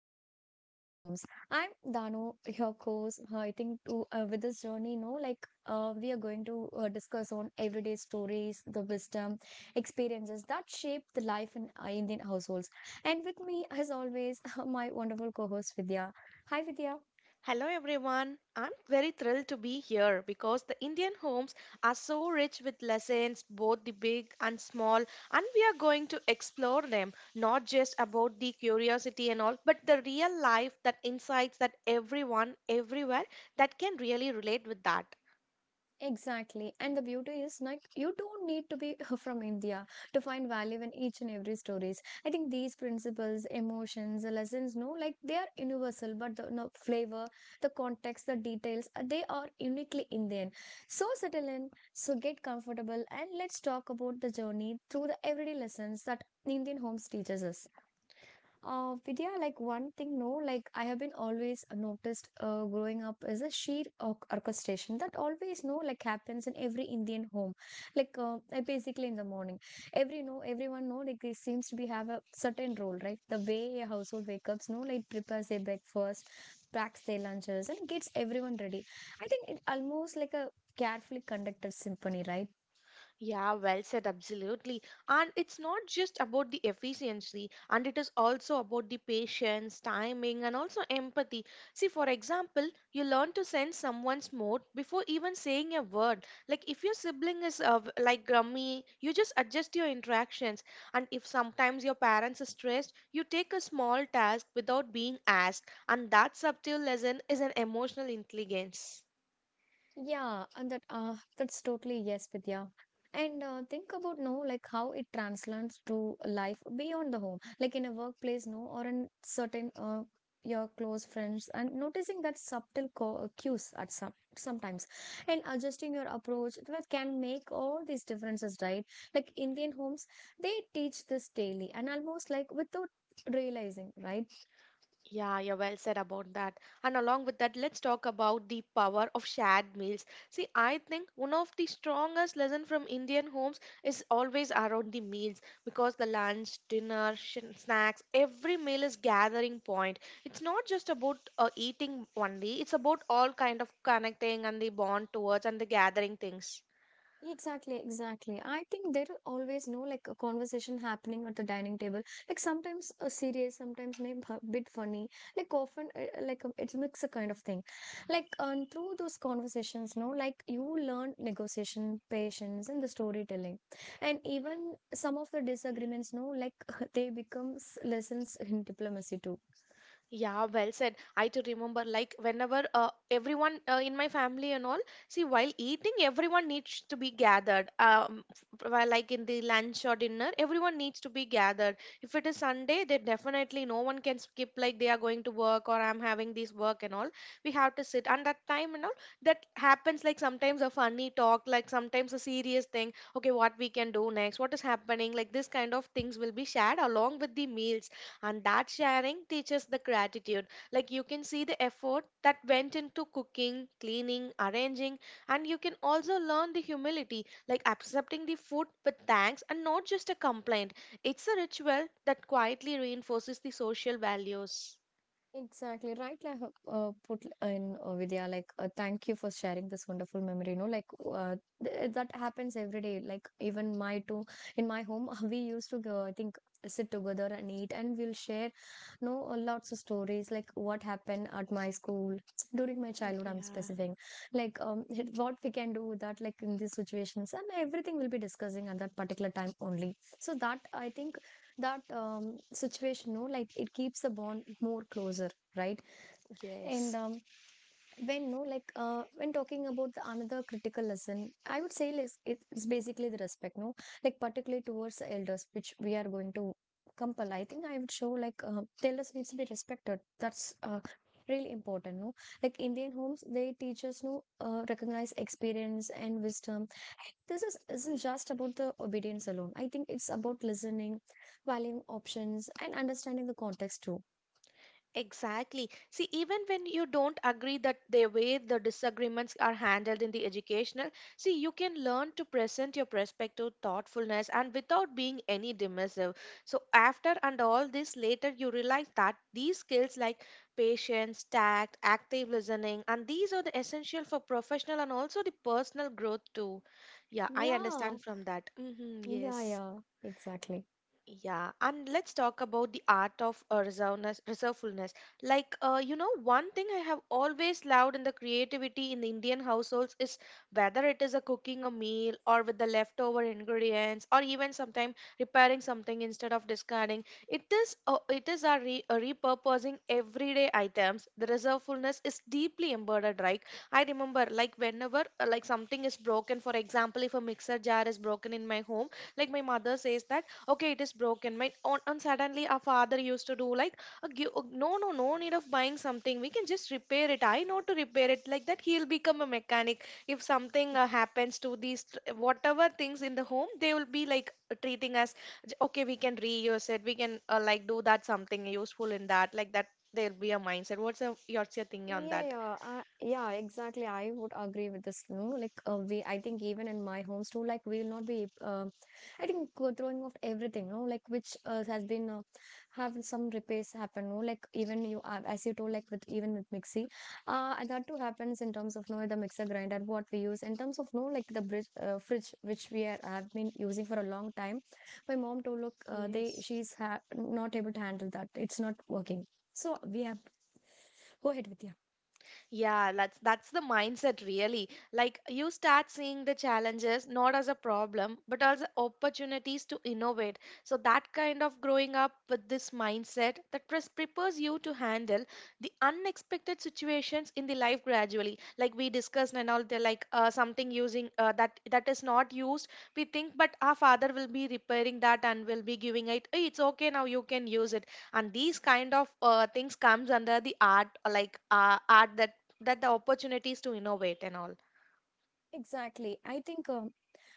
Lessons from Indian Homes. I'm Danu, your host. I think to, with this journey, no, like we are going to discuss on everyday stories, the wisdom, experiences that shape the life in Indian households. And with me, as always, my wonderful co-host Vidya. Hi, Vidya. Hello everyone. I'm very thrilled to be here because the Indian homes are so rich with lessons, both the big and small, and we are going to explore them, not just about the curiosity and all, but the real life, that insights that everyone everywhere that can really relate with that. Exactly. And the beauty is like you don't need to be from India to find value in each and every stories. I think these principles, emotions, the lessons, no, like they are universal, but the no, flavor, the context, the details, they are uniquely Indian. So settle in, so get comfortable, and let's talk about the journey through the everyday lessons that Indian homes teaches us. Vidya, like one thing, no, like I have been always noticed growing up is a sheer orchestration that always, no, like happens in every Indian home. Like basically in the morning, every no, everyone know like they seems to be have a certain role, right? The way a household wake ups, no, like prepares their breakfast, packs their lunches, and gets everyone ready. I think it almost like a carefully conducted symphony, right? Yeah, well said, absolutely. And it's not just about the efficiency, and it is also about the patience, timing, and also empathy. See, for example, you learn to sense someone's mood before even saying a word. Like if your sibling is like grumpy, you just adjust your interactions. And if sometimes your parents are stressed, you take a small task without being asked. And that subtle lesson is an emotional intelligence. Yeah, and that that's totally yes, Vidya. And think about no, like how it translates to life beyond the home, like in a workplace, no, or in certain your close friends, and noticing that subtle cues at sometimes, and adjusting your approach that can make all these differences, right? Like Indian homes, they teach this daily and almost like without realizing, right? Yeah, well said about that. And along with that, let's talk about the power of shared meals. See, I think one of the strongest lesson from Indian homes is always around the meals because the lunch, dinner, snacks, every meal is gathering point. It's not just about eating only. It's about all kind of connecting and the bond towards and the gathering things. Exactly, exactly. I think there are always no like a conversation happening at the dining table. Like sometimes serious, sometimes maybe a bit funny. Like often, it's mix a kind of thing. Through those conversations, no, like you learn negotiation, patience, and the storytelling, and even some of the disagreements, no, like they becomes lessons in diplomacy too. Yeah, well said. I too remember, like, whenever everyone in my family and all, see, while eating, everyone needs to be gathered. While, like, in the lunch or dinner, everyone needs to be gathered. If it is Sunday, they definitely no one can skip, like, they are going to work or I'm having this work and all. We have to sit. And that time and all, that happens, like, sometimes a funny talk, like, sometimes a serious thing. Okay, what we can do next? What is happening? Like, this kind of things will be shared along with the meals, and that sharing teaches the gratitude. Like, you can see the effort that went into cooking, cleaning, arranging, and you can also learn the humility, like accepting the food with thanks and not just a complaint. It's a ritual that quietly reinforces the social values. Exactly right. Like put in Vidya, like thank you for sharing this wonderful memory. You know, like uh, that happens every day. Like even my two in my home, we used to go. I think sit together and eat, and we'll share, you know, lots of stories like what happened at my school during my childhood. I'm Yeah, specific, like um, what we can do with that, like in these situations, and everything we'll be discussing at that particular time only. So that I think that situation no like it keeps the bond more closer right. And yes. When no like when talking about the another critical lesson I would say like, it's basically the respect no like particularly towards the elders which we are going to compel. I think I would show like the elders needs to be respected. That's really important no, like Indian homes they teach us no recognize experience and wisdom. This isn't just about the obedience alone. I think it's about listening, valuing options, and understanding the context too. Exactly. See, even when you don't agree that the way the disagreements are handled in the educational, see, you can learn to present your perspective, thoughtfulness, and without being any dismissive. So, after and all this, later you realize that these skills like patience, tact, active listening, and these are the essential for professional and also the personal growth too. Yeah, I Yeah, understand from that. Yeah, Yes. yeah, exactly. Yeah, and let's talk about the art of reservefulness. Like, you know, one thing I have always loved in the creativity in the Indian households is whether it is a cooking a meal or with the leftover ingredients or even sometimes repairing something instead of discarding. It is our repurposing everyday items. The reservefulness is deeply embedded, right? I remember like whenever like something is broken, for example, if a mixer jar is broken in my home, like my mother says that okay it is broken my on, and suddenly our father used to do like no no no need of buying something, we can just repair it. I know to repair it, like that. He'll become a mechanic if something happens to whatever things in the home. They will be like treating us, okay we can reuse it, we can like do that something useful in that, like that there'll be a mindset. What's your thinking on Yeah, that? yeah, I yeah, exactly. I would agree with this. No, like I think even in my homes too, like we will not be. I think throwing off everything. No, like which has been have some repairs happen. No, like even you as you told, like with even with mixie, and that too happens in terms of no the mixer grinder what we use in terms of no like the fridge which we are, have been using for a long time. My mom told look, they Yes. she's ha not able to handle that. It's not working. So we have go ahead with you. Yeah, that's the mindset really. Like you start seeing the challenges not as a problem, but as opportunities to innovate. So that kind of growing up with this mindset that prepares you to handle the unexpected situations in the life gradually. Like we discussed and all, they're like something using that that is not used. We think, but our father will be repairing that and will be giving it. "Hey, it's okay now, you can use it," and these kind of things comes under the art art that that the opportunities to innovate and all. Exactly.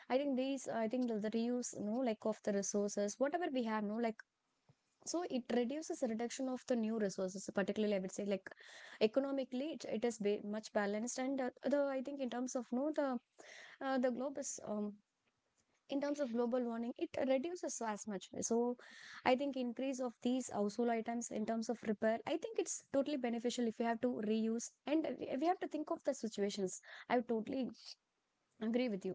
I think these I think the reuse, you know, like of the resources, whatever we have, no, like so it reduces the reduction of the new resources, particularly I would say like economically it, it is ba much balanced and the I think in terms of no the the globe is in terms of global warming it reduces as much. So I think increase of these household items in terms of repair, I think it's totally beneficial if you have to reuse and we have to think of the situations. I totally agree with you.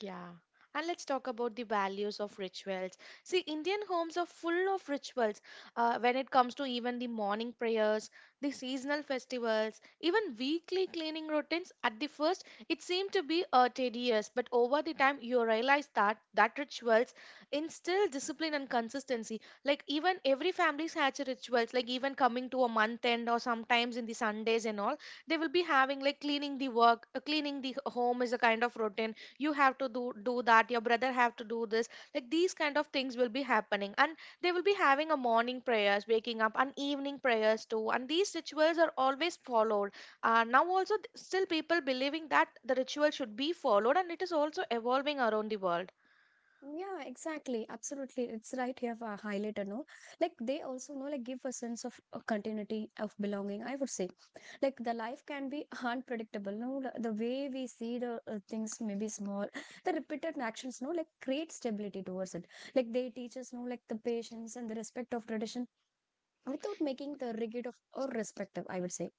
Yeah. And let's talk about the values of rituals. See, Indian homes are full of rituals when it comes to even the morning prayers, the seasonal festivals, even weekly cleaning routines. At the first, it seemed to be tedious, but over the time, you realize that that rituals instill discipline and consistency. Like even every family has rituals, like even coming to a month end or sometimes in the Sundays and all, they will be having like cleaning the work, cleaning the home is a kind of routine. You have to do that, your brother have to do this. Like these kind of things will be happening, and they will be having a morning prayers waking up and evening prayers too, and these rituals are always followed. Now also still people believing that the ritual should be followed, and it is also evolving around the world. Yeah, exactly. Absolutely. It's right here for a highlighter, no? Like they also know, like give a sense of continuity of belonging, I would say. Like the life can be unpredictable, no? The way we see the things may be small. The repeated actions, no? Like create stability towards it. Like they teach us, no? Like the patience and the respect of tradition without making the rigid of or respective, I would say.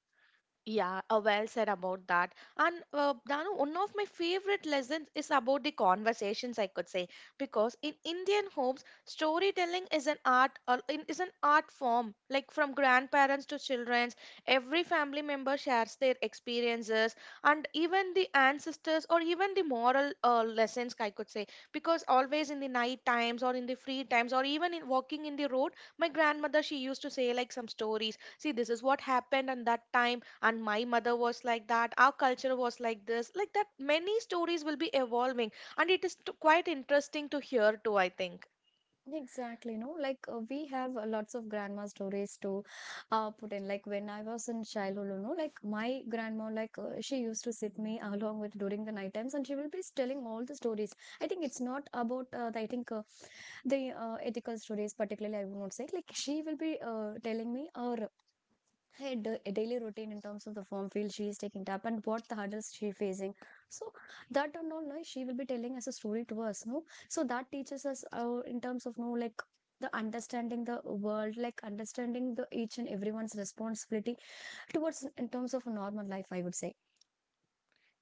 Yeah, well said about that. And Danu, one of my favorite lessons is about the conversations, I could say, because in Indian homes, storytelling is an art, or is an art form. Like from grandparents to children, every family member shares their experiences and even the ancestors or even the moral lessons, I could say, because always in the night times or in the free times or even in walking in the road, my grandmother she used to say like some stories. See, this is what happened and that time, and my mother was like that, our culture was like this, like that many stories will be evolving, and it is quite interesting to hear too, I think. Exactly, no, like we have lots of grandma stories to put in. Like when I was in childhood, you know, like my grandma, like she used to sit me along with during the night times, and she will be telling all the stories. I think it's not about the, I think the ethical stories particularly. I would not say like she will be telling me a her daily routine in terms of the form field she is taking up and what the hurdles she facing. So that and all no, she will be telling as a story to us no. So that teaches us in terms of no like the understanding the world, like understanding the each and everyone's responsibility towards in terms of normal life I would say.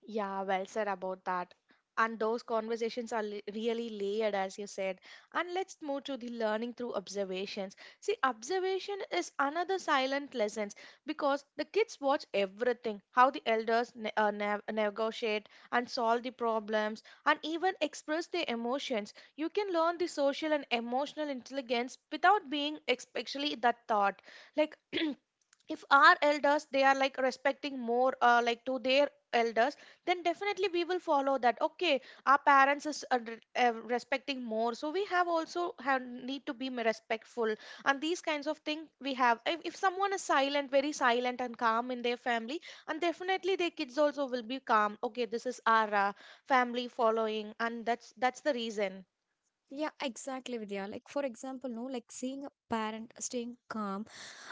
Yeah, well said about that. And those conversations are really layered, as you said. And let's move to the learning through observations. See, observation is another silent lesson because the kids watch everything, how the elders negotiate and solve the problems and even express their emotions. You can learn the social and emotional intelligence without being especially that thought. Like, if our elders they are like respecting more like to their elders, then definitely we will follow that. Okay, our parents is respecting more, so we have also have need to be respectful. And these kinds of things we have, if someone is silent, very silent and calm in their family, and definitely their kids also will be calm. Okay, this is our family following, and that's the reason. Yeah, exactly, Vidya. Like, for example, no, like seeing a parent staying calm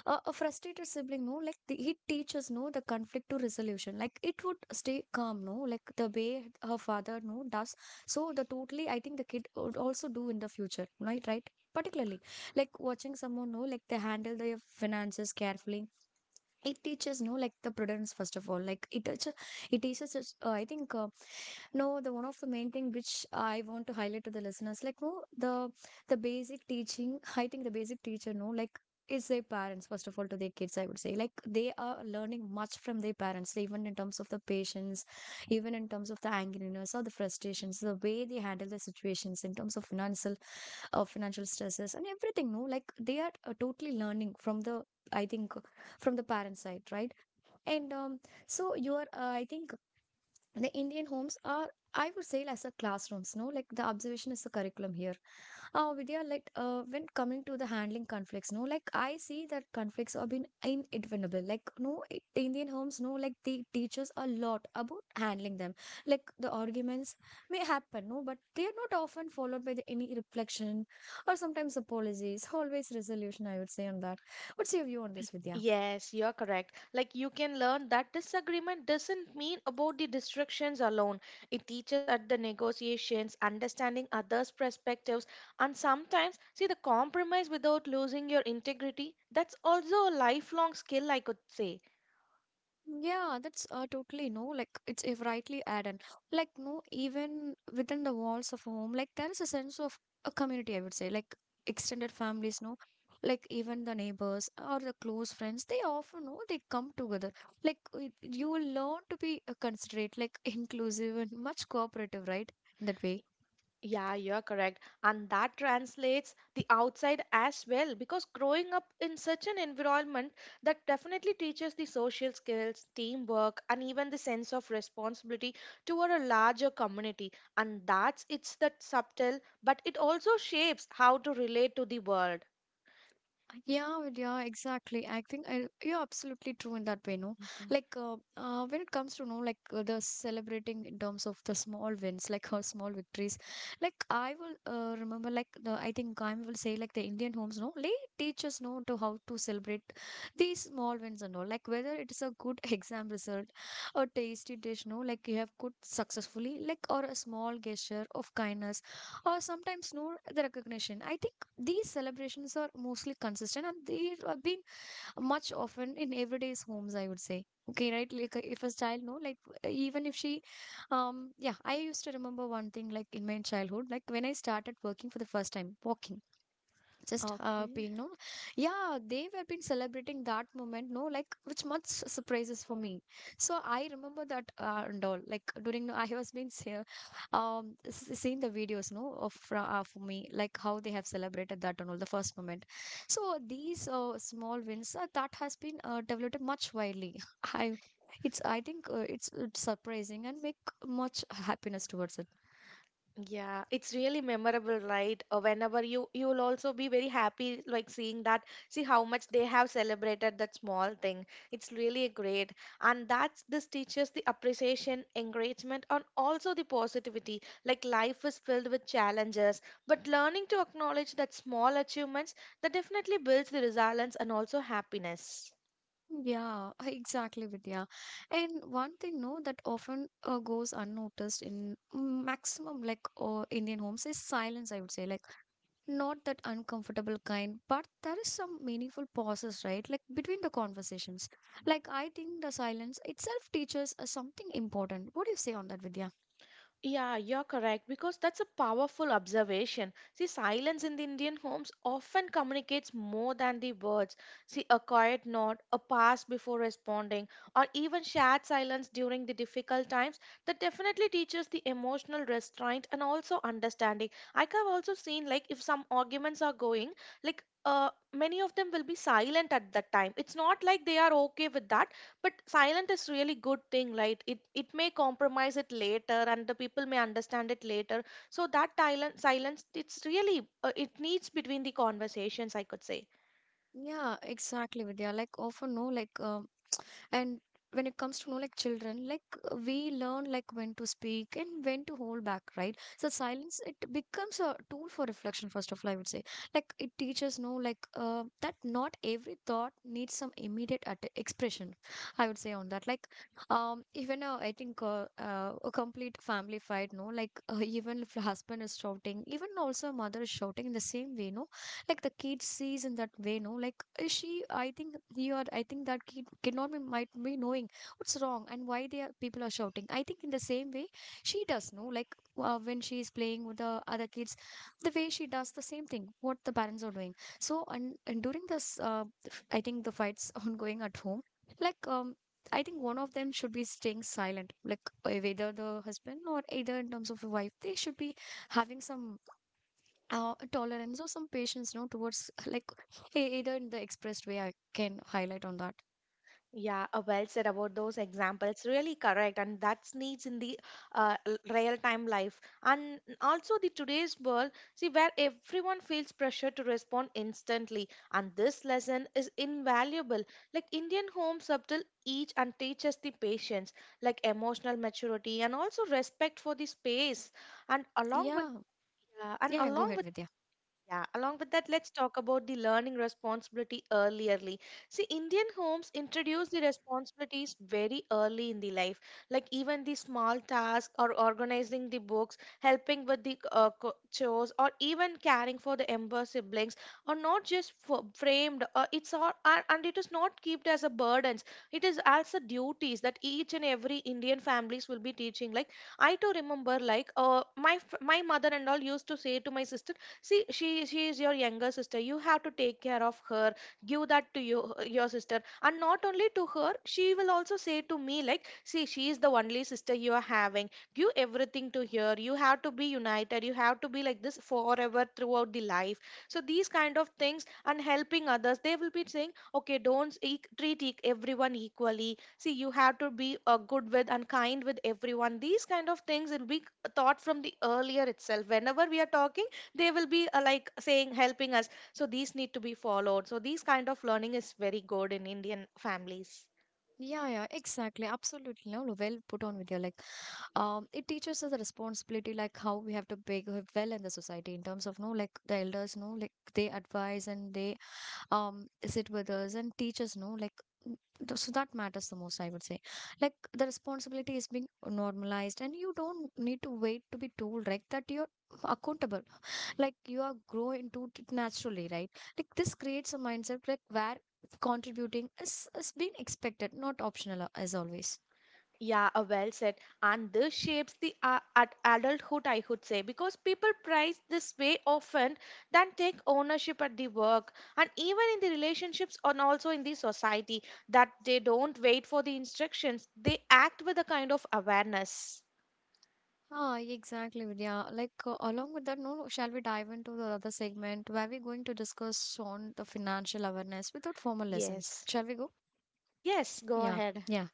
a frustrated sibling no like the, he teaches no the conflict to resolution like it would stay calm no like the way her father no does. So the totally I think the kid would also do in the future, right? Right, particularly like watching someone know like they handle their finances carefully. It teaches no like the prudence first of all. Like it teaches us I think no, the one of the main thing which I want to highlight to the listeners, like no, the basic teaching, I think the basic teacher, no, like is their parents first of all to their kids. I would say like they are learning much from their parents, even in terms of the patience, even in terms of the angriness or the frustrations, the way they handle the situations in terms of financial stresses and everything. No, like they are totally learning from the I think from the parent side, right? And so I think the Indian homes are I would say as a classrooms no like the observation is the curriculum here. Vidya, like when coming to the handling conflicts no like I see that conflicts have been inevitable. Like no it- the Indian homes no like they teach us a lot about handling them. Like the arguments may happen no but they are not often followed by the any reflection or sometimes apologies. Always resolution I would say on that. What's your view on this, Vidya? Yes, you're correct. Like you can learn that disagreement doesn't mean about the distractions alone. It teaches at the negotiations, understanding others' perspectives, and sometimes see the compromise without losing your integrity. That's also a lifelong skill, I could say. Yeah, that's totally no. Like it's if rightly added. Like no, even within the walls of home, like there is a sense of a community. I would say, like extended families, no, like even the neighbors or the close friends, they often know they come together. Like you will learn to be considerate, like inclusive and much cooperative, right? In that way. Yeah, you're correct. And that translates the outside as well, because growing up in such an environment that definitely teaches the social skills, teamwork, and even the sense of responsibility toward a larger community. And that's it's that subtle, but it also shapes how to relate to the world. Yeah, well, yeah, exactly. I think I, you're absolutely true in that way, no? Mhm. Like, when it comes to, no, like the celebrating in terms of the small wins, like her small victories, like I will remember, like, the, I think I will say, like, the Indian homes, no, they teach us, no, to how to celebrate these small wins and all. Like, whether it is a good exam result, a tasty dish, no, like you have cooked successfully, like, or a small gesture of kindness or sometimes no the recognition. I think these celebrations are mostly consistent and they have been much often in everyday's homes, I would say. Okay, right? Like if a child, no, like even if she, yeah, I used to remember one thing like in my childhood, like when I started working for the first time, walking just happy, Okay. no? Yeah, they were been celebrating that moment, no? Like, which much surprises for me. So I remember that and all. Like during, no, I was been seeing the videos, no, of for me, like how they have celebrated that and all the first moment. So these small wins that has been developed much widely. I. It's, I think, it's surprising and make much happiness towards it. Yeah, it's really memorable, right? Whenever you you'll also be very happy like seeing that, see how much they have celebrated that small thing. It's really great. And that's this teaches the appreciation, encouragement, and also the positivity. Like life is filled with challenges, but learning to acknowledge that small achievements that definitely builds the resilience and also happiness. Yeah, exactly, Vidya. And one thing, no, that often goes unnoticed in maximum like Indian homes is silence, I would say. Like, not that uncomfortable kind, but there is some meaningful pauses, right? Like, between the conversations. Like, I think the silence itself teaches us something important. What do you say on that, Vidya? Yeah, you're correct, because that's a powerful observation. See, silence in the Indian homes often communicates more than the words. See, a quiet nod, a pause before responding, or even shared silence during the difficult times that definitely teaches the emotional restraint and also understanding. I have also seen like if some arguments are going, like many of them will be silent at that time. It's not like they are okay with that, but silent is really good thing, right? It may compromise it later and the people may understand it later. So that silent silence it's really it needs between the conversations, I could say. Yeah, exactly, Vidya. Like, often, no, like, and when it comes to know like children like we learn like when to speak and when to hold back, right? So silence it becomes a tool for reflection, first of all, I would say. Like it teaches, no, like that not every thought needs some immediate expression, I would say on that. Like even I think a complete family fight, no, like even if husband is shouting, even also mother is shouting in the same way, no, like the kid sees in that way, no, like is she I think he or I think that kid cannot be might be knowing what's wrong and why they are people are shouting, I think, in the same way she does. No, like when she is playing with the other kids, the way she does the same thing what the parents are doing. So and during this I think the fights ongoing at home, like I think one of them should be staying silent, like either the husband or either in terms of the wife. They should be having some tolerance or some patience, no, towards like either in the expressed way, I can highlight on that. Yeah, well said about those examples. Really correct, and that's needs in the real-time life, and also the today's world. See, where everyone feels pressure to respond instantly, and this lesson is invaluable. Like Indian homes subtle each and teaches the patience, like emotional maturity, and also respect for the space, and along with yeah yeah, and yeah yeah, go along ahead, with Vidya. yeah, along with that, let's talk about the learning responsibility earlierly. See, Indian homes introduce the responsibilities very early in the life, like even the small tasks or organizing the books, helping with the chores, or even caring for the younger siblings are not just framed. It's all, and it is not kept as a burdens. It is as a duties that each and every Indian families will be teaching. Like I too remember, like my mother and all used to say to my sister, "See, she is your younger sister. You have to take care of her. Give that to you your sister." And not only to her, she will also say to me like, "See, she is the only sister you are having. Give everything to her. You have to be united. You have to be like this forever throughout the life." So these kind of things, and helping others, they will be saying, "Okay, don't e- treat everyone equally. See, you have to be good with and kind with everyone." These kind of things will be thought from the earlier itself. Whenever we are talking, they will be like saying, helping us. So these need to be followed. So these kind of learning is very good in Indian families. Yeah, exactly, absolutely. No, well put on, Vidya. Like it teaches us the responsibility, like how we have to behave well in the society in terms of, no, like the elders, no, like they advise and they sit with us and teach us, no, like n- so that matters the most, I would say. Like the responsibility is being normalized and you don't need to wait to be told like that you're accountable. Like you are grow into it naturally, right? Like this creates a mindset like where contributing is being expected, not optional, as always. Yeah, well said. And this shapes the at adulthood, I would say, because people prize this way often than take ownership at the work, and even in the relationships, and also in the society, that they don't wait for the instructions. They act with a kind of awareness. Ah, exactly, Vidya. Like, along with that, no, no, shall we dive into the other segment where we're going to discuss on the financial awareness without formal lessons? Yes. Shall we go? Yes, go Yeah, ahead. yeah.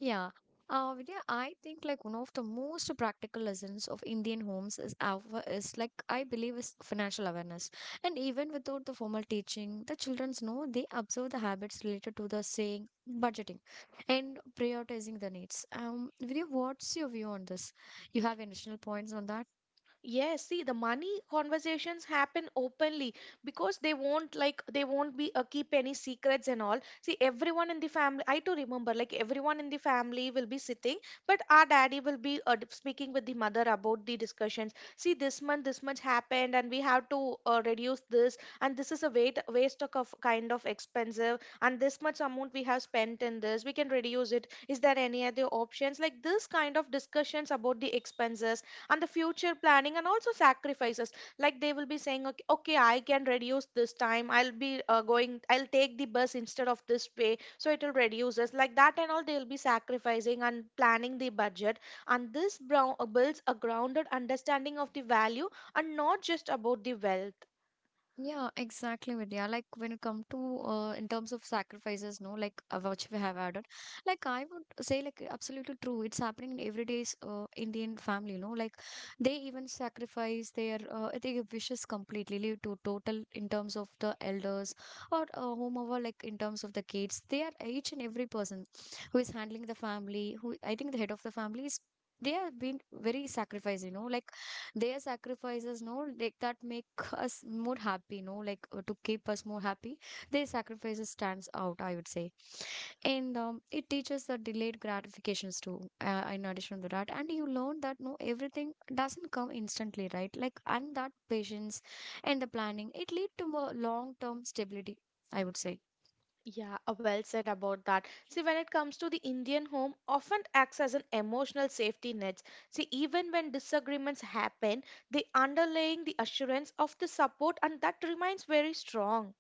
Yeah. Vidya, I think like one of the most practical lessons of Indian homes is, like I believe, is financial awareness. And even without the formal teaching, the childrens know they observe the habits related to the saying, budgeting and prioritizing the needs. Vidya, what's your view on this? You have additional points on that? Yes, see, the money conversations happen openly because they won't, like, they won't be keep any secrets and all. See, everyone in the family, I too remember, like everyone in the family will be sitting, but our daddy will be speaking with the mother about the discussions. See, this month this much happened, and we have to reduce this, and this is a weight waste of kind of expensive, and this much amount we have spent in this, we can reduce it. Is there any other options? Like this kind of discussions about the expenses and the future planning and also sacrifices, like they will be saying, "Okay, okay, I can reduce this time. I'll be going. I'll take the bus instead of this way, so it will reduce us like that." And all, they'll be sacrificing and planning the budget. And this brown builds a grounded understanding of the value, and not just about the wealth. Yeah, exactly, Vidya. Like when it come to in terms of sacrifices, no, like which we have added, like I would say, like absolutely true. It's happening in everyday's Indian family, no, like they even sacrifice their wishes completely, leave to total in terms of the elders or whomever, like in terms of the kids. They are each and every person who is handling the family. Who I think the head of the family is. They have been very sacrificed, you know, like their sacrifices, no, like that make us more happy. No, like to keep us more happy, their sacrifices stands out, I would say. And it teaches the delayed gratifications too, in addition to that. And you learn that, no, everything doesn't come instantly, right? Like and that patience and the planning, it lead to more long term stability, I would say. Yeah, well said about that. See, when it comes to the Indian home, often acts as an emotional safety net. See, even when disagreements happen, the underlying the assurance of the support and that remains very strong.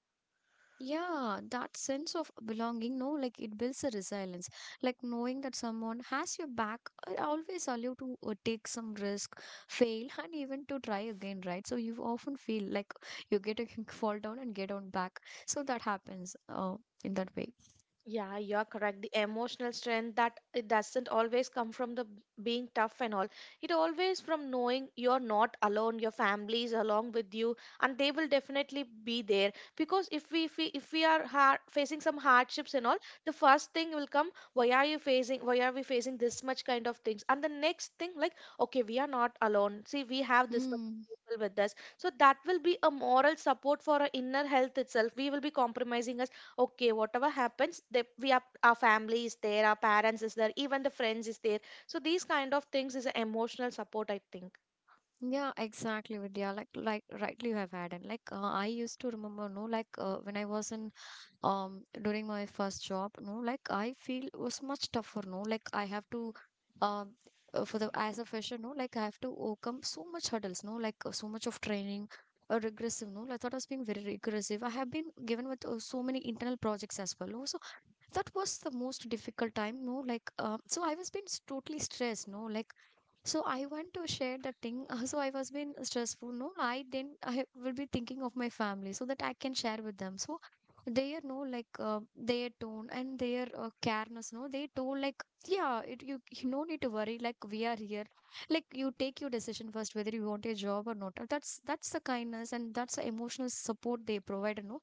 Yeah, that sense of belonging, no, like it builds a resilience. Like knowing that someone has your back always allow you to take some risk, fail, and even to try again, right? So you often feel like you get a fall down and get on back. So that happens in that way. Yeah, you're correct. The emotional strength, that it doesn't always come from the being tough and all. It always from knowing you're not alone, your family is along with you, and they will definitely be there. Because if we are har facing some hardships and all, the first thing will come, why are you facing, why are we facing this much kind of things? And the next thing, like, okay, we are not alone. See, we have this much Mm. of people with us. So that will be a moral support for our inner health itself. We will be compromising our, okay, whatever happens, we are, our family is there, our parents is there, even the friends is there. So these kind of things is a emotional support, I think. Yeah, exactly, Vidya. Like rightly you have had, and like I used to remember, no, like when I was in during my first job, no, like I feel was much tougher. No, like I have to um for the as a fresher, no, like I have to overcome so much hurdles, no, like so much of training regressive, no, like, I thought I was being very regressive. I have been given with so many internal projects as well, no, so that was the most difficult time. No, like so I was being totally stressed, no, like so I want to share that thing. So I was being stressful. No, I didn't. I will be thinking of my family so that I can share with them. So they are, no, like their tone and their careness. No, they told like, yeah, you no need to worry. Like we are here. Like you take your decision first whether you want a job or not. That's the kindness and that's the emotional support they provide. No,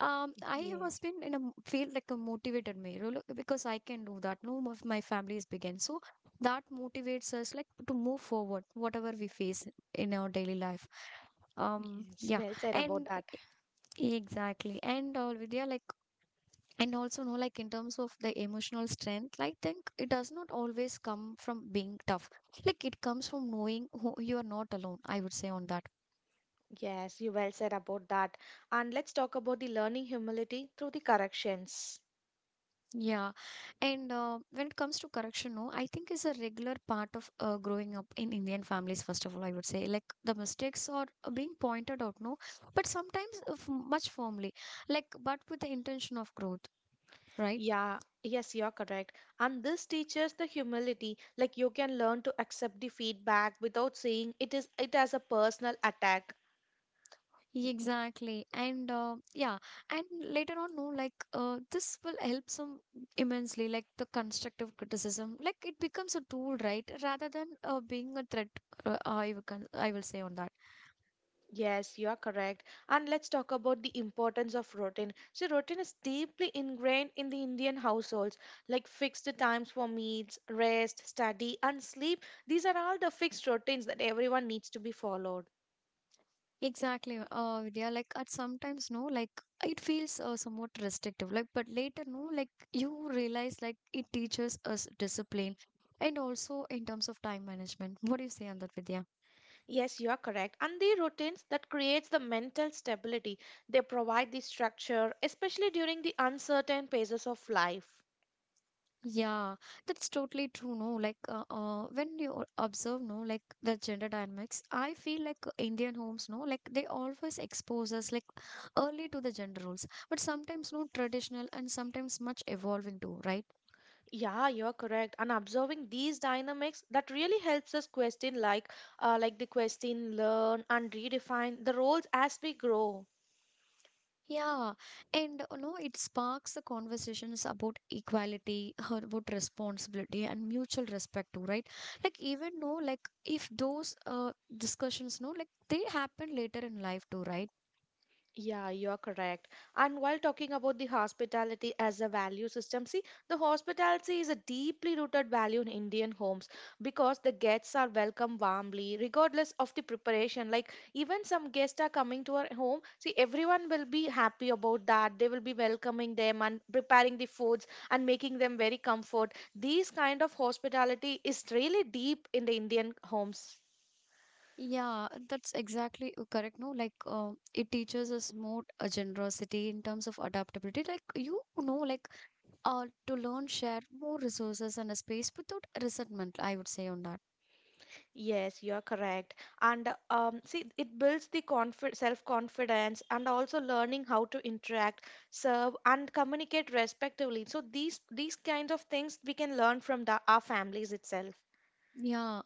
I was Yes, been in a feel like a motivated mirror look, because I can do that. No, of my family is began, so that motivates us like to move forward, whatever we face in our daily life. Yes, Yeah, well said about and that. exactly, and all, Vidya, like, and also know like in terms of the emotional strength, I think it does not always come from being tough. Like it comes from knowing who you are not alone. I would say on that. Yes, you well said about that. And let's talk about the learning humility through the corrections. Yeah, and when it comes to correction, no, I think is a regular part of growing up in Indian families. First of all, I would say like the mistakes are being pointed out, no, but sometimes much firmly, like but with the intention of growth, right? Yeah. Yes, you're correct. And this teaches the humility, like you can learn to accept the feedback without saying it as a personal attack. Exactly, and yeah, and later on, no, like this will help some immensely. Like the constructive criticism, like it becomes a tool, right, rather than being a threat. I will say on that. Yes, you are correct. And let's talk about the importance of routine. So, routine is deeply ingrained in the Indian households, like fixed times for meals, rest, study, and sleep. These are all the fixed routines that everyone needs to be followed. Exactly. Vidya, like at sometimes, no, like it feels somewhat restrictive. Like, but later, no, like you realize like it teaches us discipline, and also in terms of time management. What do you say on that, Vidya? Yes, you are correct. And the routines that creates the mental stability. They provide the structure, especially during the uncertain phases of life. Yeah, that's totally true. No, like when you observe, no, like the gender dynamics, I feel like Indian homes, no, like they always expose us like early to the gender roles, but sometimes no traditional and sometimes much evolving too, right? Yeah, you're correct. And observing these dynamics that really helps us question, like the question, learn and redefine the roles as we grow. Yeah, and you know, it sparks the conversations about equality, about responsibility, and mutual respect too, right? Like even though, like if those discussions, no, like they happen later in life too, right? Yeah, you're correct. And while talking about the hospitality as a value system, see, the hospitality is a deeply rooted value in Indian homes, because the guests are welcomed warmly, regardless of the preparation. Like, even some guests are coming to our home, see, everyone will be happy about that. They will be welcoming them and preparing the foods and making them very comfort. These kind of hospitality is really deep in the Indian homes. Yeah, that's exactly correct. No, like it teaches us more generosity in terms of adaptability. Like you know, like to learn, share more resources and a space without resentment. I would say on that. Yes, you are correct. And see, it builds the confi self-confidence, and also learning how to interact, serve, and communicate respectively. So these kinds of things we can learn from the, our families itself. Yeah.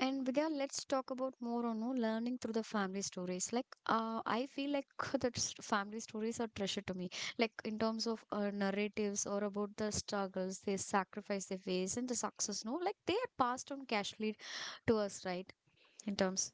And Vidya, let's talk about more on, no, learning through the family stories. Like, I feel like that family stories are treasure to me. Like in terms of narratives or about the struggles, they sacrifice they face, and the success. No, like they are passed on casually to us, right? In terms.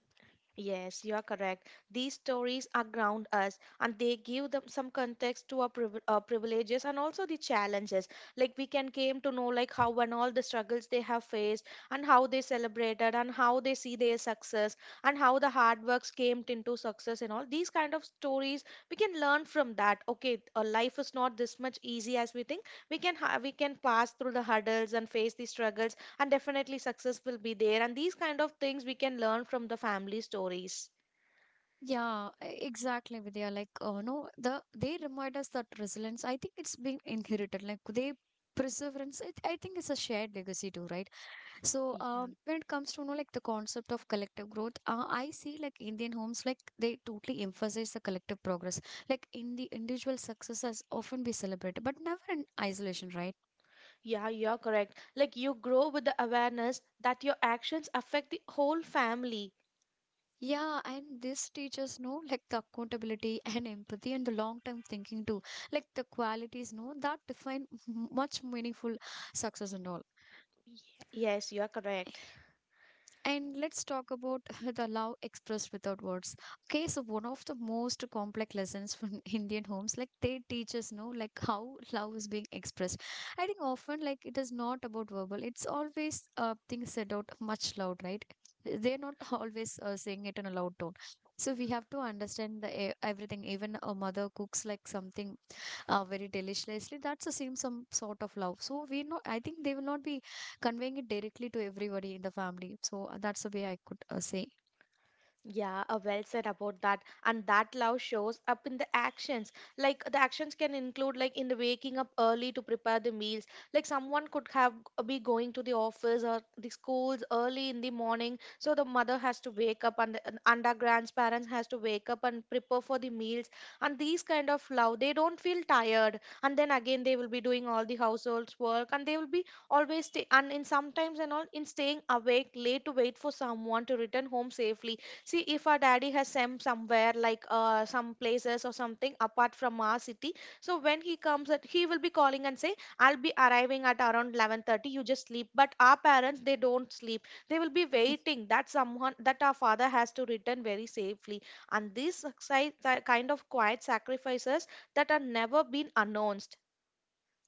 Yes, you are correct. These stories are ground us, and they give them some context to our priv- privileges and also the challenges. Like we can came to know, like how and all the struggles they have faced, and how they celebrated, and how they see their success, and how the hard works came into success, and all these kind of stories we can learn from that. Okay, life is not this much easy as we think. We can we can pass through the hurdles and face the struggles, and definitely success will be there. And these kind of things we can learn from the family stories. Yeah, exactly, Vidya. Like, no, the they remind us that resilience. I think it's being inherited. Like they perseverance. I think it's a shared legacy too, right? So Yeah. When it comes to, you know, like the concept of collective growth, I see like Indian homes like they totally emphasize the collective progress. Like in the individual success has often be celebrated, but never in isolation, right? Yeah, you're correct. Like you grow with the awareness that your actions affect the whole family. Yeah, and this teaches know like the accountability and empathy and the long term thinking too, like the qualities know that define much meaningful success and all. Yeah. Yes, you're correct. And let's talk about the love expressed without words. Okay, so one of the most complex lessons from Indian homes, like they teach us, know, like how love is being expressed. I think often, like it is not about verbal. It's always things said out much loud, right? They're not always saying it in a loud tone. So we have to understand the everything. Even a mother cooks like something very deliciously, that's the same some sort of love, so we know. I think they will not be conveying it directly to everybody in the family, so that's the way I could say. Yeah, well said about that. And that love shows up in the actions. Like the actions can include, like in the waking up early to prepare the meals. Like someone could have be going to the office or the schools early in the morning, so the mother has to wake up, and the and under grandparents has to wake up and prepare for the meals. And these kind of love, they don't feel tired. And then again, they will be doing all the household's work, and they will be always stay. And in sometimes and all in staying awake late to wait for someone to return home safely. See, if our daddy has sent somewhere like some places or something apart from our city, so when he comes, at, he will be calling and say, "I'll be arriving at around 11:30. You just sleep." But our parents, they don't sleep. They will be waiting that someone, that our father has to return very safely. And these kind of quiet sacrifices that are never been announced.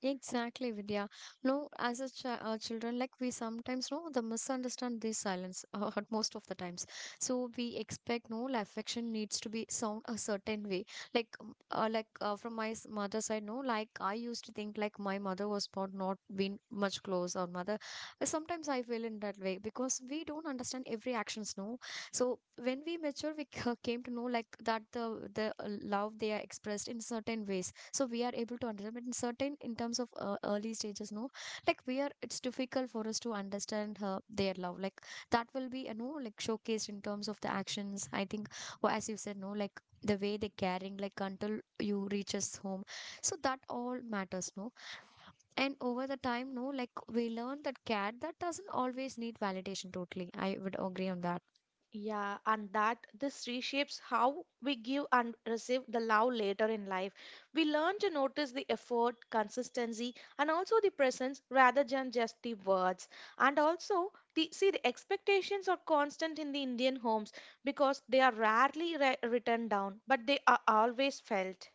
Exactly, Vidya. No, as a children, like we sometimes know the misunderstand these silence at most of the times. So we expect, no, like affection needs to be sound a certain way. Like from my mother's side, no, like I used to think like my mother was not been much close or mother. Sometimes I feel in that way because we don't understand every actions, no. So when we mature, we came to know like that the love they are expressed in certain ways, so we are able to understand, but in certain, in terms of early stages, no, like we are, it's difficult for us to understand her, their love, like that will be, you know, like showcased in terms of the actions, I think. Or as you said, no, like the way they carrying, like until you reaches home, so that all matters, no. And over the time, no, like we learn that care, that doesn't always need validation. Totally, I would agree on that. Yeah, and that this reshapes how we give and receive the love later in life. We learn to notice the effort, consistency, and also the presence rather than just the words. And also, the see the expectations are constant in the Indian homes, because they are rarely written down, but they are always felt.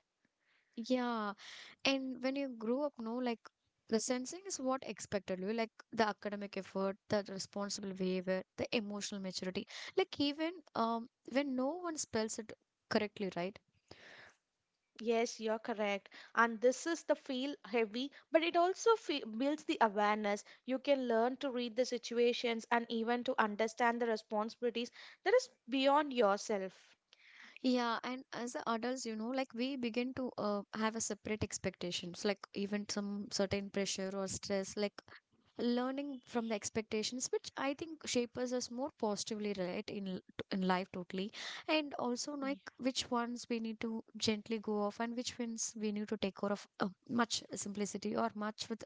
Yeah. And when you grow up, no, like the sensing is what expected you, like the academic effort, the responsible behavior, the emotional maturity. Like even when no one spells it correctly, right? Yes, you're correct. And this is the feel heavy, but it also fe builds the awareness. You can learn to read the situations and even to understand the responsibilities that is beyond yourself. Yeah, and as the adults, you know, like we begin to have a separate expectations, like even some certain pressure or stress, like learning from the expectations which I think shapes us more positively, right, in in life. Totally. And also Y- like which ones we need to gently go off and which ones we need to take care of much simplicity or much with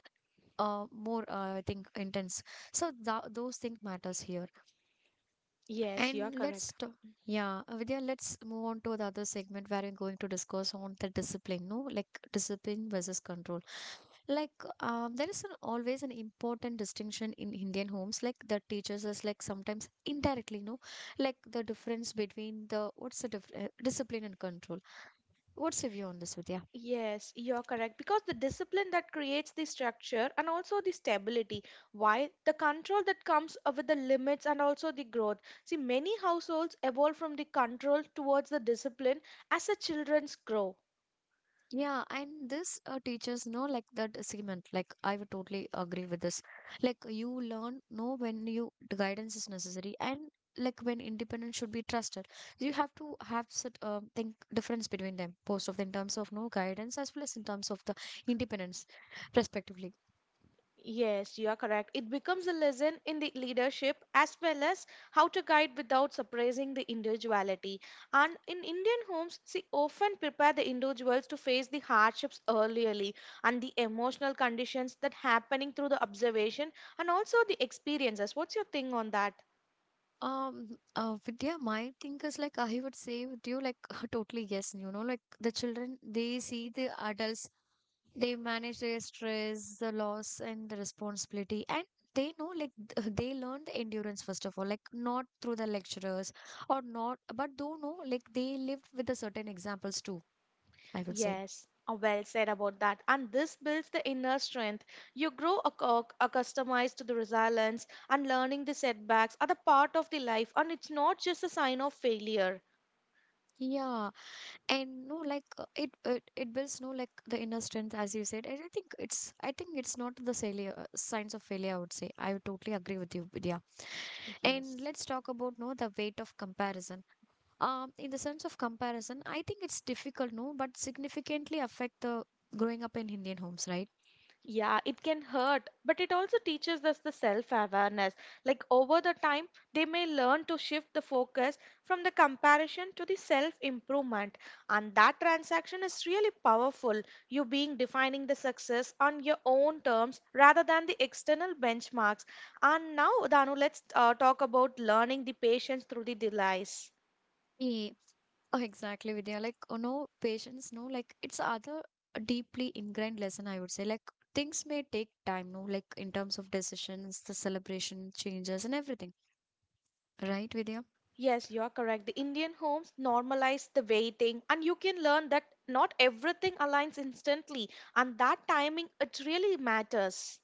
more I think intense. So those things matters here. Yes, you're and correct. let's t- yeah, Vidya, let's move on to the other segment where we're going to discuss on the discipline, no? Like discipline versus control. Like there is an always an important distinction in Indian homes, like the teachers is, like sometimes indirectly, you know, like the difference between the discipline and control. What's your view on this, Vidya? Yes, you're correct. Because the discipline that creates the structure and also the stability, while the control that comes with the limits and also the growth. See, many households evolve from the control towards the discipline as the children's grow. Yeah, and this teachers know like that segment. Like I would totally agree with this. Like you learn, know, when you the guidance is necessary and like when independence should be trusted. You have to have such think difference between them, both of, in terms of, no, guidance as well as in terms of the independence, respectively. Yes, you are correct. It becomes a lesson in the leadership as well as how to guide without suppressing the individuality. And in Indian homes, see, often prepare the individuals to face the hardships earlierly, and the emotional conditions that happening through the observation and also the experiences. What's your thing on that? Um, Vidya, my thing is like I would say with you, like totally yes. You know, like the children, they see the adults, they manage their stress, the loss and the responsibility, and they know, like they learn the endurance first of all, like not through the lecturers or not, but don't know, like they lived with the certain examples too, I would say. Yes, well said about that. And this builds the inner strength. You grow accustomed to the resilience, and learning the setbacks are the part of the life, and it's not just a sign of failure. Yeah, and no, like it builds, no, like the inner strength, as you said. And I think it's not the failure, signs of failure, I would say. I would totally agree with you, Vidya. And Yes. let's talk about, no, the weight of comparison. In the sense of comparison, I think it's difficult, no, but significantly affect the growing up in Indian homes, right? Yeah, it can hurt, but it also teaches us the self awareness. Like over the time, they may learn to shift the focus from the comparison to the self improvement. And that transaction is really powerful. You being defining the success on your own terms rather than the external benchmarks. And now, Danu, let's talk about learning the patience through the delays. Yeah, oh, exactly, Vidya. Like, oh no, patience, no, like it's other deeply ingrained lesson, I would say. Like, things may take time, no, like in terms of decisions, the celebration changes, and everything, right, Vidya? Yes, you're correct. The Indian homes normalize the waiting, and you can learn that not everything aligns instantly, and that timing it really matters.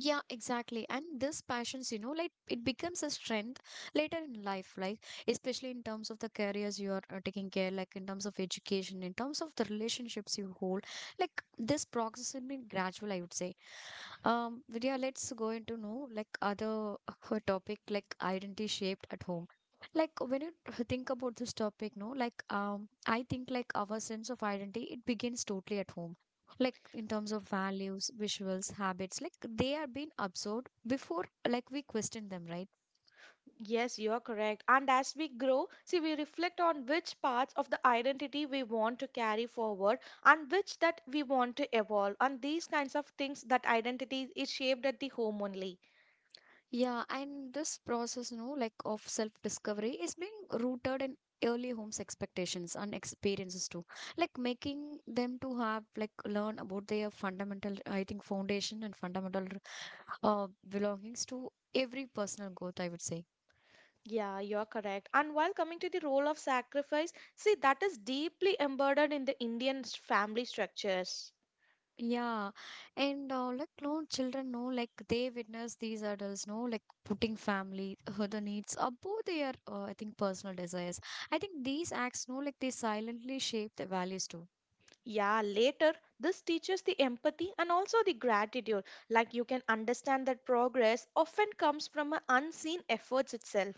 Yeah, exactly. And this passions, you know, like it becomes a strength later in life, like especially in terms of the careers you are taking care, like in terms of education, in terms of the relationships you hold. Like this progress has been gradual, I would say. Vidya, let's go into know like other topic, like identity shaped at home. Like when you think about this topic, no, like I think like our sense of identity it begins totally at home. Like in terms of values, visuals, habits, like they are being absorbed before like we question them, right? Yes, you're correct. And as we grow, see, we reflect on which parts of the identity we want to carry forward and which that we want to evolve. And these kinds of things, that identity is shaped at the home only. Yeah, and this process, you know, like of self discovery is being rooted in early home's expectations and experiences too. Like making them to have like learn about their fundamental, I think, foundation and fundamental belongings to every personal growth, I would say. Yeah, you're correct. And while coming to the role of sacrifice, see, that is deeply embedded in the Indian family structures. Yeah, and like no children, know, like they witness these adults, know, like putting family, the needs above their, I think, personal desires. I think these acts, know, like they silently shape the values too. Yeah, later this teaches the empathy and also the gratitude. Like you can understand that progress often comes from a unseen efforts itself.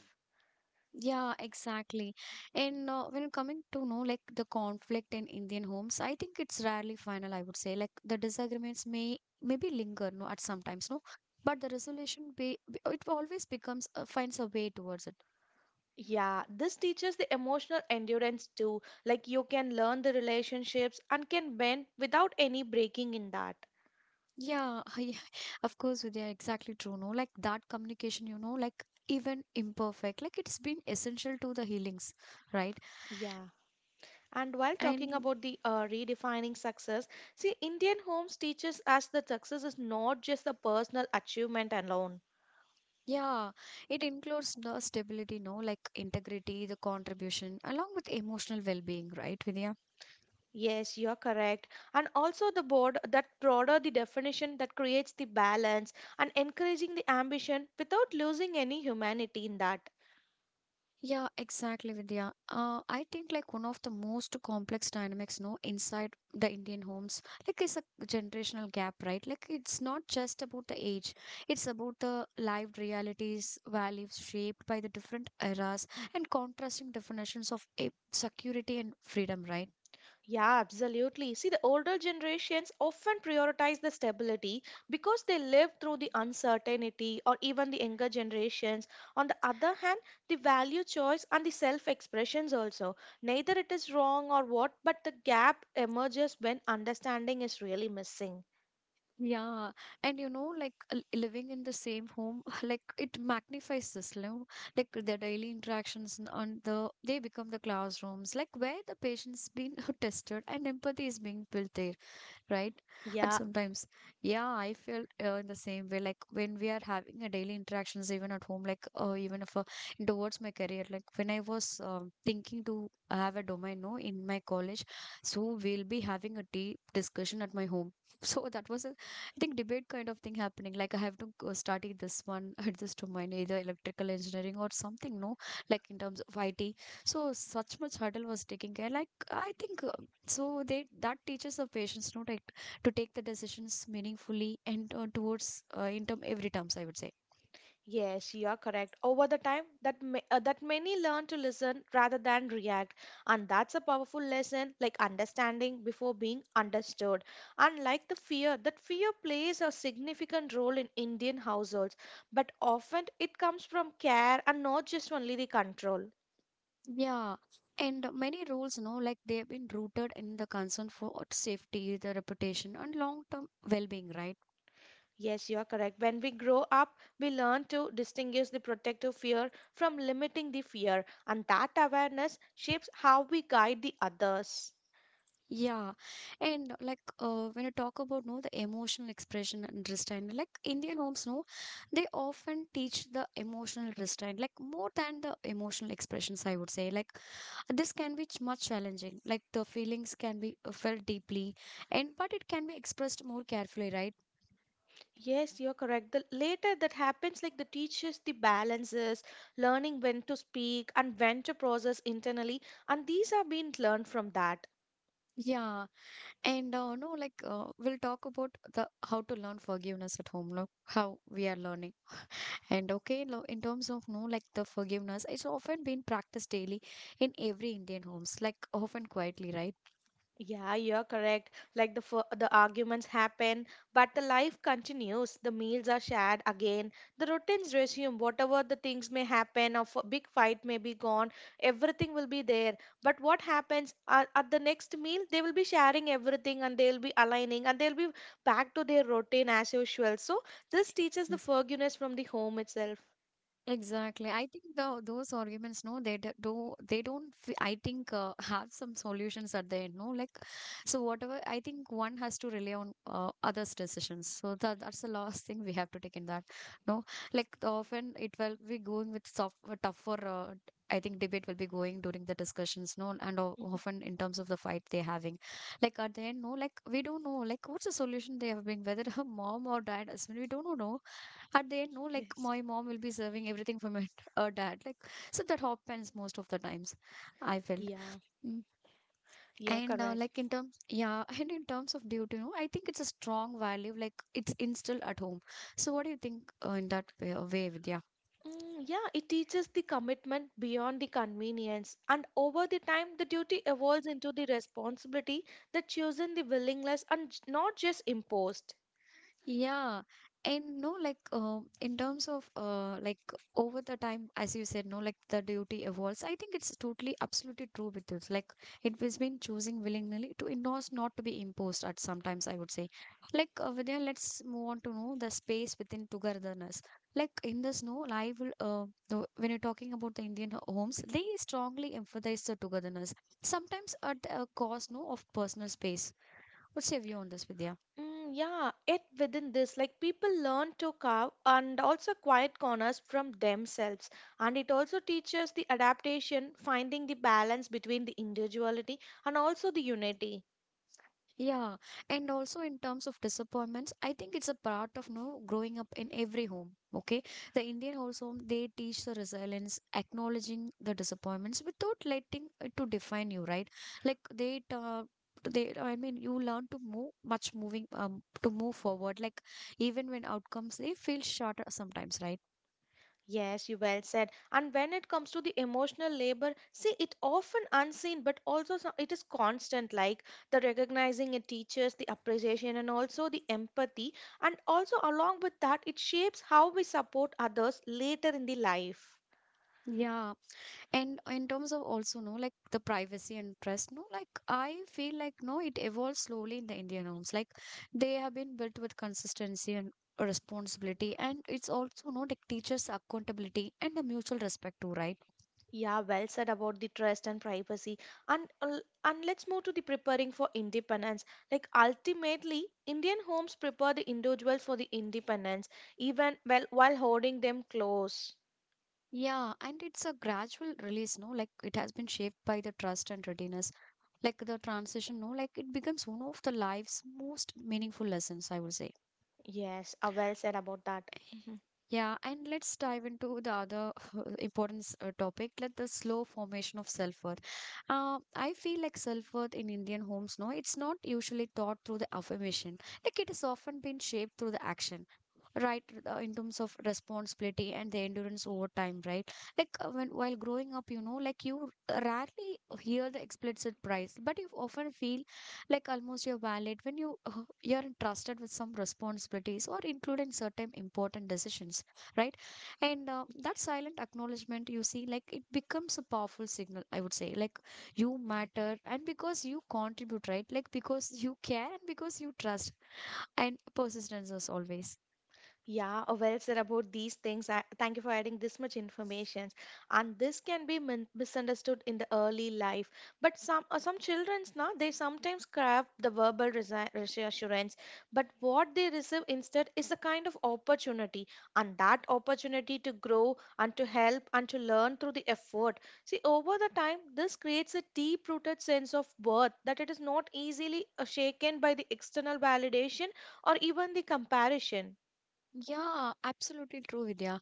Yeah, exactly. And when coming to know like the conflict in Indian homes, I think it's rarely final, I would say. Like the disagreements may maybe linger, no, at sometimes, no, but the resolution it always becomes, finds a way towards it. Yeah, this teaches the emotional endurance too. Like you can learn the relationships and can bend without any breaking in that. Yeah, yeah, of course, Vidya, exactly true. No, like that communication, you know, like even imperfect, like it's been essential to the healings, right? Yeah. And while talking And about the redefining success, see, Indian homes teaches us that success is not just a personal achievement alone. yeah, it includes the stability, no, like integrity, the contribution, along with emotional well-being, right, Vidya? Yes, you're correct. And also the board that broader the definition that creates the balance and encouraging the ambition without losing any humanity in that. Yeah, exactly, Vidya. I think like one of the most complex dynamics, no, inside the Indian homes, like is a generational gap, right? Like it's not just about the age; it's about the lived realities, values shaped by the different eras and contrasting definitions of security and freedom, right? Yeah, absolutely. See, the older generations often prioritize the stability because they lived through the uncertainty or even the younger generations. On the other hand, the value choice and the self expressions also. Neither it is wrong or what, but the gap emerges when understanding is really missing. Yeah, and you know, like living in the same home, like it magnifies this, you know, like the daily interactions and on the they become the classrooms, like where the patient's been tested and empathy is being built there, right? And Yeah, sometimes, yeah, I feel in the same way. Like when we are having a daily interactions, even at home, like even if towards my career, like when I was thinking to have a domain, no, in my college, so we'll be having a deep discussion at my home. So that was a, I think, debate kind of thing happening. Like I have to go study this one at this domain, either electrical engineering or something, no, like in terms of IT. So such much hurdle was taking care. Like I think so they that teaches the patients, no, like to take the decisions meaningfully and towards in term every terms, I would say. yes, you are correct. Over the time, that many learn to listen rather than react, and that's a powerful lesson, like understanding before being understood. Unlike the fear, that fear plays a significant role in Indian households, but often it comes from care and not just only the control. Yeah, and many rules, no, like they have been rooted in the concern for safety, the reputation and long term well-being, right? Yes, you are correct. When we grow up, we learn to distinguish the protective fear from limiting the fear, and that awareness shapes how we guide the others. Yeah, and like when you talk about, no, the emotional expression and restraint, like Indian homes, no, they often teach the emotional restraint, like more than the emotional expressions, I would say. Like this can be much challenging, like the feelings can be felt deeply, and but it can be expressed more carefully, right? Yes, you're correct. The later that happens, like the teaches the balances, learning when to speak and when to process internally, and these are being learned from that. Yeah, and no like we'll talk about the how to learn forgiveness at home, no, how we are learning. And okay, in terms of, no, like the forgiveness, it's often been practiced daily in every Indian homes, like often quietly, right? Yeah, you're correct. Like the arguments happen, but the life continues. The meals are shared again. The routines resume. Whatever the things may happen, or a big fight may be gone. Everything will be there. But what happens at the next meal? They will be sharing everything, and they'll be aligning, and they'll be back to their routine as usual. So this teaches the Yes. forgiveness from the home itself. Exactly. I think the, those arguments, no, they d- do, they don't, f- I think, have some solutions at the end, no? Like, so whatever, I think one has to rely on others' decisions. So that's the last thing we have to take in that, no? Like, the often it will be going with soft, tougher, I think, debate will be going during the discussions, no? And often in terms of the fight they're having. Like, at the end, no, like, we don't know, like, what's the solution they have been, whether her mom or dad, I we don't know, no? At the end, no, like Yes. my mom will be serving everything for my dad, like, so that happens most of the times, I felt. Yeah, Mm. you're And correct. like in terms, yeah, and in terms of duty, you know, I think it's a strong value, like it's instilled at home. So what do you think, in that way, way, Vidya? Mm, yeah, it teaches the commitment beyond the convenience, and over the time, the duty evolves into the responsibility that chosen the willingness and not just imposed. Yeah, and no, like in terms of like over the time, as you said, no, like the duty evolves. I think it's totally, absolutely true with this. Like it has been choosing willingly to endorse, not to be imposed. At sometimes, I would say, like Vidya, let's move on to know the space within togetherness. Like in this, no, I will. When you're talking about the Indian homes, they strongly emphasize the togetherness. Sometimes at a cost, no, of personal space. What's your view on this, Vidya? Mm, yeah, yet within this, like people learn to carve and also quiet corners from themselves, and it also teaches the adaptation, finding the balance between the individuality and also the unity. Yeah, and also in terms of disappointments, I think it's a part of no growing up in every home. Okay, the Indian household they teach the resilience, acknowledging the disappointments without letting it to define you, right? Like you learn to move much moving, to move forward. Like even when outcomes they feel short sometimes, right? Yes, you well said. And when it comes to the emotional labor, see, it often unseen, but it is constant, like the recognizing it teaches the appreciation and also the empathy. And also, along with that, it shapes how we support others later in the life. Yeah, and in terms of also no like the privacy and trust no like I feel like no it evolves slowly in the Indian homes like they have been built with consistency and responsibility, and it's also no like teaches accountability and a mutual respect too, right? Yeah, well said about the trust and privacy. And let's move to the preparing for independence. Like ultimately, Indian homes prepare the individual for the independence, even well while holding them close. Yeah, and it's a gradual release no like it has been shaped by the trust and readiness like the transition no like it becomes one of the life's most meaningful lessons, I would say. Yes, well said about that. Mhm. Yeah, and let's dive into the other important topic, like the slow formation of self-worth. I feel like self-worth in Indian homes, no, it's not usually taught through the affirmation. Like it has often been shaped through the action, right, in terms of responsibility and the endurance over time, right? Like when while growing up, you know, like you rarely hear the explicit price, but you often feel like almost your valid when you're entrusted with some responsibilities or including certain important decisions, right? And that silent acknowledgement you see like it becomes a powerful signal, I would say. Like you matter and because you contribute, right, like because you care and because you trust and persistence as always. Yeah, well said about these things. I, thank you for adding this much information. And this can be min- misunderstood in the early life. But some childrens now they sometimes crave the verbal resi- reassurance, but what they receive instead is a kind of opportunity, and that opportunity to grow and to help and to learn through the effort. See, over the time, this creates a deep-rooted sense of worth that it is not easily shaken by the external validation or even the comparison. Yeah, absolutely true, Vidya.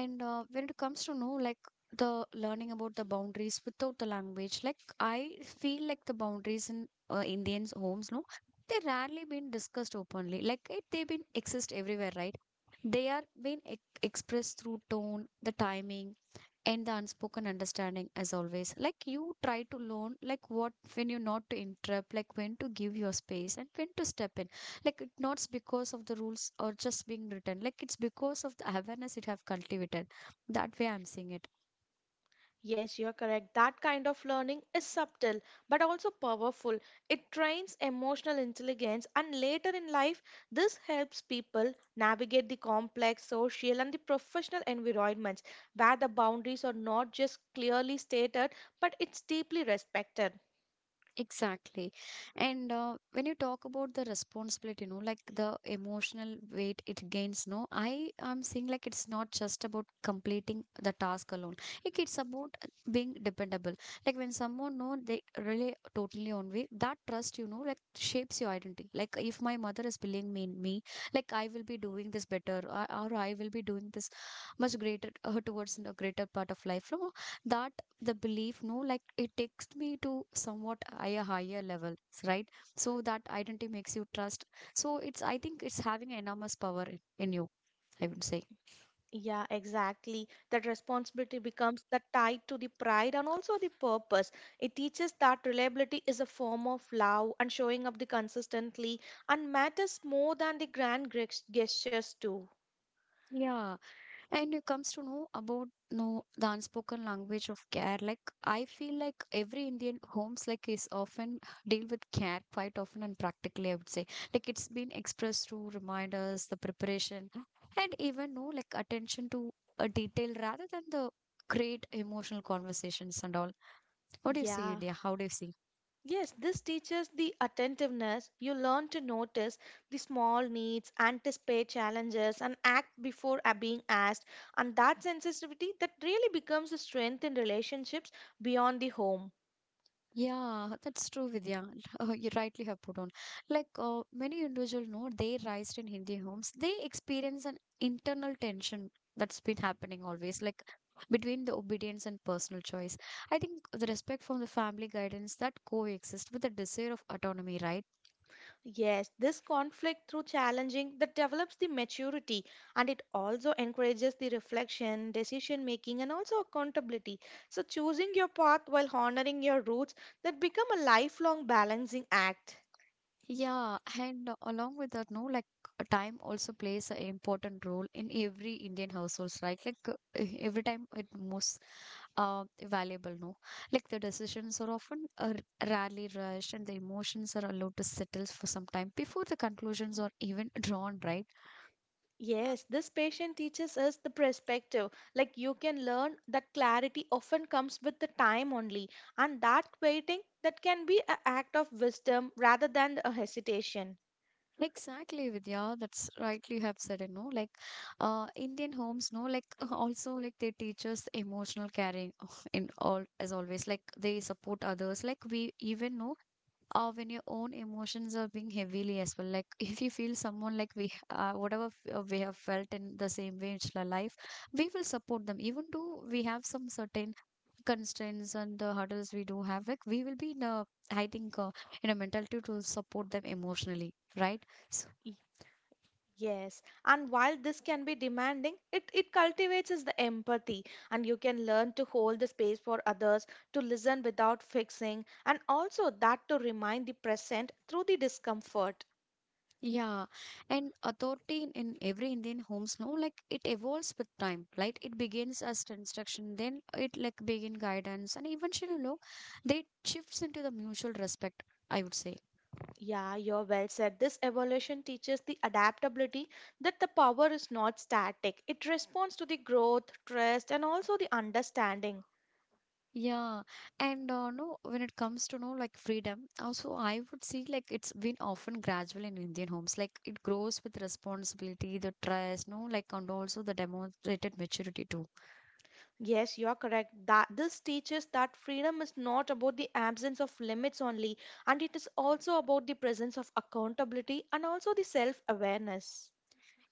And when it comes to know like the learning about the boundaries without the language, like I feel like the boundaries in Indians' homes, no, they rarely been discussed openly. Like it, they been exist everywhere, right? They are being ex expressed through tone, the timing, and the unspoken understanding as always like you try to learn like what when you not to interrupt, like when to give your space and when to step in, like it not because of the rules or just being written, like it's because of the awareness it have cultivated, that way I'm seeing it. Yes, you're correct. That kind of learning is subtle but also powerful. It trains emotional intelligence, and later in life, this helps people navigate the complex social and the professional environments where the boundaries are not just clearly stated but it's deeply respected. Exactly. And when you talk about the responsibility, you know, like the emotional weight it gains, no, I am seeing like it's not just about completing the task alone. Like it's about being dependable. Like when someone know they rely totally on me, that trust, you know, like shapes your identity. Like if my mother is believing me in me, like I will be doing this better, or I will be doing this much greater towards a greater part of life. No, that the belief no like it takes me to somewhat higher level, right? So that identity makes you trust, so it's I think it's having enormous power in you, I would say. Yeah, exactly. That responsibility becomes that tied to the pride and also the purpose. It teaches that reliability is a form of love and showing up the consistently and matters more than the grand gres- gestures too. Yeah. And it comes to know about know the unspoken language of care. Like I feel like every Indian homes like is often deal with care quite often and practically, I would say. Like it's been expressed through reminders, the preparation, and even no like attention to a detail rather than the great emotional conversations and all. What do you see, Yeah. India? How do you see? Yes, this teaches the attentiveness. You learn to notice the small needs, anticipate challenges, and act before being asked. And that sensitivity that really becomes a strength in relationships beyond the home. Yeah, that's true, Vidya. You rightly have put on. Like many individuals know, they raised in Hindi homes, they experience an internal tension that's been happening always, like between the obedience and personal choice. I think the respect from the family guidance that coexist with the desire of autonomy, right? Yes, this conflict through challenging that develops the maturity and it also encourages the reflection, decision making, and also accountability. So, choosing your path while honoring your roots that become a lifelong balancing act. Yeah, and along with that, no, like time also plays an important role in every Indian households, right? Like every time it moves valuable no like the decisions are often rarely rushed and the emotions are allowed to settle for some time before the conclusions are even drawn, right? Yes, this patient teaches us the perspective. Like you can learn that clarity often comes with the time only, and that waiting that can be an act of wisdom rather than a hesitation. Exactly, Vidya, that's rightly you have said it no like Indian homes no like also like they teach us emotional caring in all as always like they support others like we even know. Or when your own emotions are being heavily as well like if you feel someone like we have felt in the same way in our life, we will support them even though we have some certain constraints and the hurdles we do have, like we will be in a I think in a mentality to support them emotionally, right? Yes, and while this can be demanding, it cultivates is the empathy, and you can learn to hold the space for others, to listen without fixing, and also that to remind the present through the discomfort. Yeah, and authority in every Indian homes, no, like it evolves with time, right? It begins as instruction, then it like begin guidance, and eventually, you know, they shifts into the mutual respect, I would say. Yeah, you're well said. This evolution teaches the adaptability that the power is not static, it responds to the growth, trust, and also the understanding. Yeah, and no, when it comes to no like freedom, also I would see like it's been often gradual in Indian homes, like it grows with responsibility, the trust, no, like and also the demonstrated maturity too. Yes, you are correct. That this teaches that freedom is not about the absence of limits only, and it is also about the presence of accountability and also the self-awareness.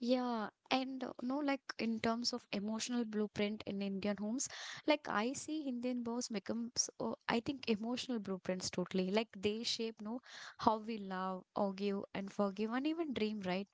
Yeah, and no, like in terms of emotional blueprint in Indian homes, like I see Indian bows becomes, I think, emotional blueprints totally. Like they shape, no, how we love, argue, and forgive, and even dream, right?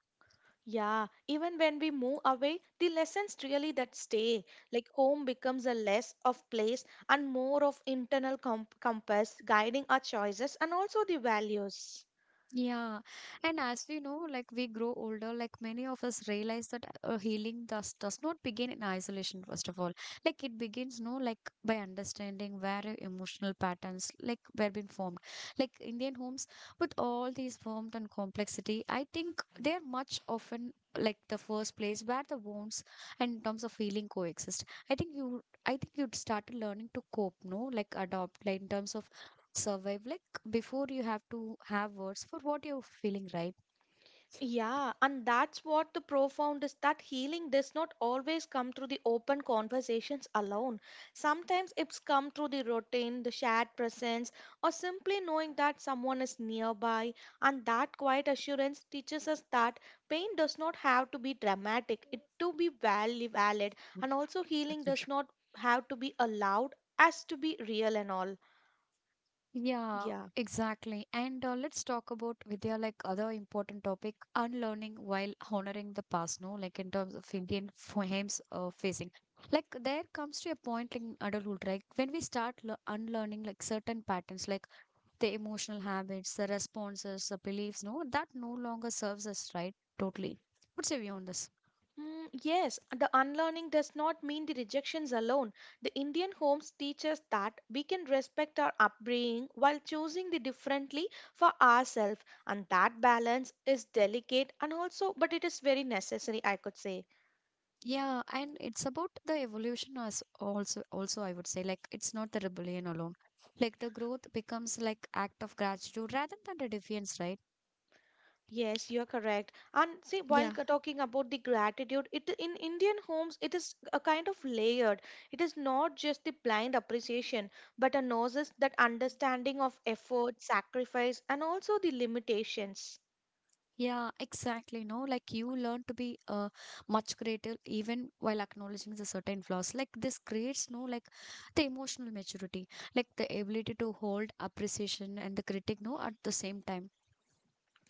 Yeah, even when we move away, the lessons really that stay. Like home becomes a less of place and more of internal compass guiding our choices and also the values. Yeah, and as we know, like we grow older, like many of us realize that healing does not begin in isolation. First of all, like it begins, no, like by understanding where your emotional patterns like were been formed. Like Indian homes, with all these forms and complexity, I think they are much often like the first place where the wounds and in terms of healing coexist. I think you'd start learning to cope, no, like adopt, like in terms of survive, like before you have to have words for what you're feeling right Yeah, and that's what the profound is that healing does not always come through the open conversations alone. Sometimes it's come through the routine, the shared presence, or simply knowing that someone is nearby. And that quiet assurance teaches us that pain does not have to be dramatic, it to be valid. now. And also healing does not have to be allowed as to be real and all. Yeah, Yeah. exactly. And let's talk about Vidya, like other important topic, unlearning while honoring the past, no? Like in terms of Indian frames facing. Like there comes to a point in adulthood, right? When we start unlearning like certain patterns, like the emotional habits, the responses, the beliefs, no, that no longer serves us right totally. What's your view on this? Mm, yes, the unlearning does not mean the rejections alone. The Indian homes teach us that we can respect our upbringing while choosing the differently for ourselves, and that balance is delicate and also, but it is very necessary, I could say. Yeah, and it's about the evolution as also I would say like it's not the rebellion alone. Like the growth becomes like act of gratitude rather than the defiance, right? Yes, you are correct. And see, while Yeah, talking about the gratitude, it in Indian homes it is a kind of layered. It is not just the blind appreciation, but a noses that understanding of effort, sacrifice, and also the limitations. yeah, exactly. No, like you learn to be much greater even while acknowledging the certain flaws. Like this creates no like the emotional maturity, like the ability to hold appreciation and the critic no at the same time.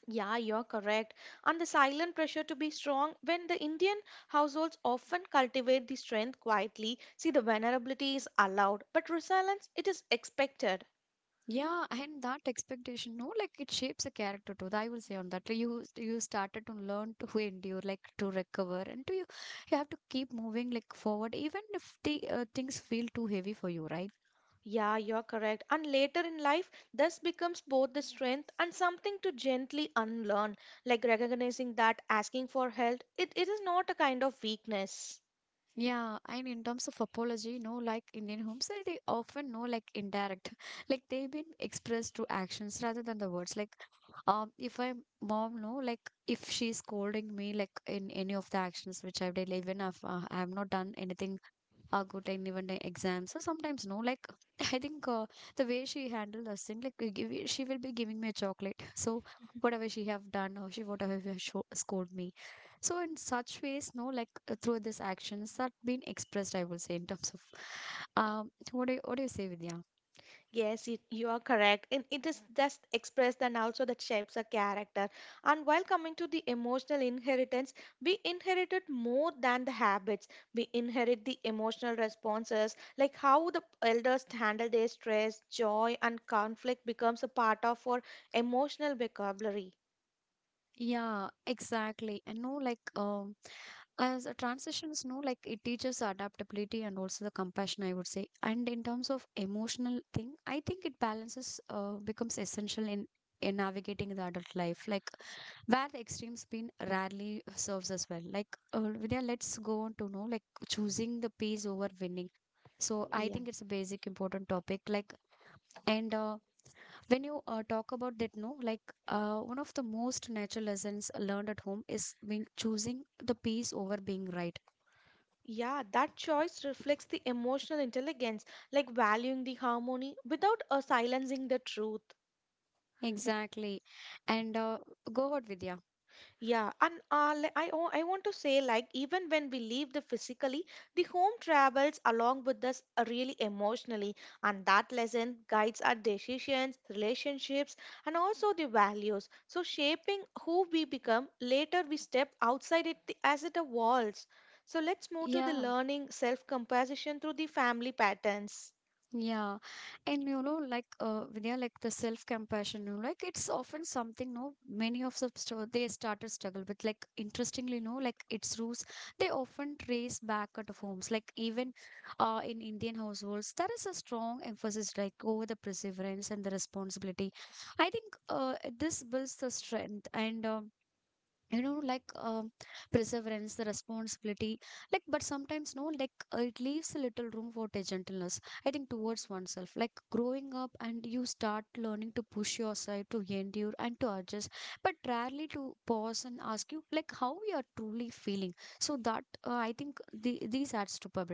Yeah, you're correct. And the silent pressure to be strong when the Indian households often cultivate the strength quietly. See, the vulnerability is allowed, but resilience, it is expected. Yeah, and that expectation, no, like it shapes a character too. I will say on that. Like you started to learn to endure, like to recover, and to you have to keep moving like forward, even if the things feel too heavy for you, right? Yeah, you're correct. And later in life, this becomes both the strength and something to gently unlearn, like recognizing that asking for help, it is not a kind of weakness. Yeah, and in terms of apology, no, like Indian homes, they often know like indirect, like they've been expressed through actions rather than the words. Like, if my mom know, like if she's scolding me, like in any of the actions which I've done, even if I have not done anything a good time even the exams, so sometimes no like I think the way she handled us thing like she will be giving me a chocolate so whatever she have done or she whatever she have scold me, so in such ways no like through these actions that been expressed, I will say, in terms of what do you say, Vidya? Yes, you are correct. And it is just expressed and also that shapes a character. And while coming to the emotional inheritance, we inherited more than the habits. We inherit the emotional responses, like how the elders handle their stress, joy, and conflict becomes a part of our emotional vocabulary. Yeah, exactly, and no like as a transitions no like it teaches adaptability and also the compassion, I would say. And in terms of emotional thing I think it balances becomes essential in navigating the adult life like where the extreme spin rarely serves as well. Like Vidya, let's go on to know like choosing the peace over winning, so I Yeah. think it's a basic important topic like. And when you talk about that no like one of the most natural lessons learned at home is being choosing the peace over being right. Yeah, that choice reflects the emotional intelligence, like valuing the harmony without silencing the truth. Exactly. And go out, Vidya. Yeah, and I want to say, like, even when we leave the physically, the home travels along with us really emotionally, and that lesson guides our decisions, relationships, and also the values. So, shaping who we become later, we step outside it the, as it evolves. So, let's move to the Yeah, learning self composition through the family patterns. yeah. And you know, like Vidya, like the self-compassion, you know, like it's often something, no, many of the st they started struggle with. Like interestingly, no, like its roots, they often trace back at homes. Like even in Indian households, there is a strong emphasis like over the perseverance and the responsibility. I think this builds the strength and you know like perseverance the responsibility like but sometimes no like it leaves a little room for the gentleness I think towards oneself like growing up and you start learning to push yourself to endure and to adjust but rarely to pause and ask you like how you are truly feeling. So that I think these adds to a.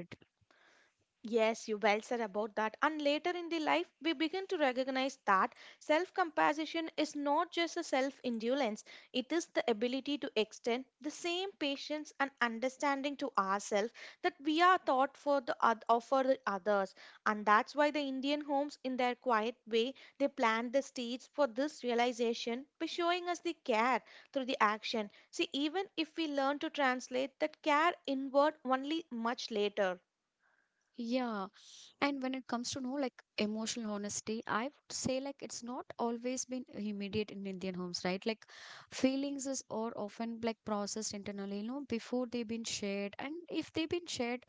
Yes, you well said about that. And later in the life, we begin to recognize that self compassion is not just a self indulgence, it is the ability to extend the same patience and understanding to ourselves that we are taught for or for the others. And that's why the Indian homes, in their quiet way, they plant the seeds for this realization by showing us the care through the action. See, even if we learn to translate that care inward only much later. Yeah, and when it comes to know like emotional honesty I would say like it's not always been immediate in Indian homes, right? Like feelings is or often like processed internally, you know, before they've been shared, and if they've been shared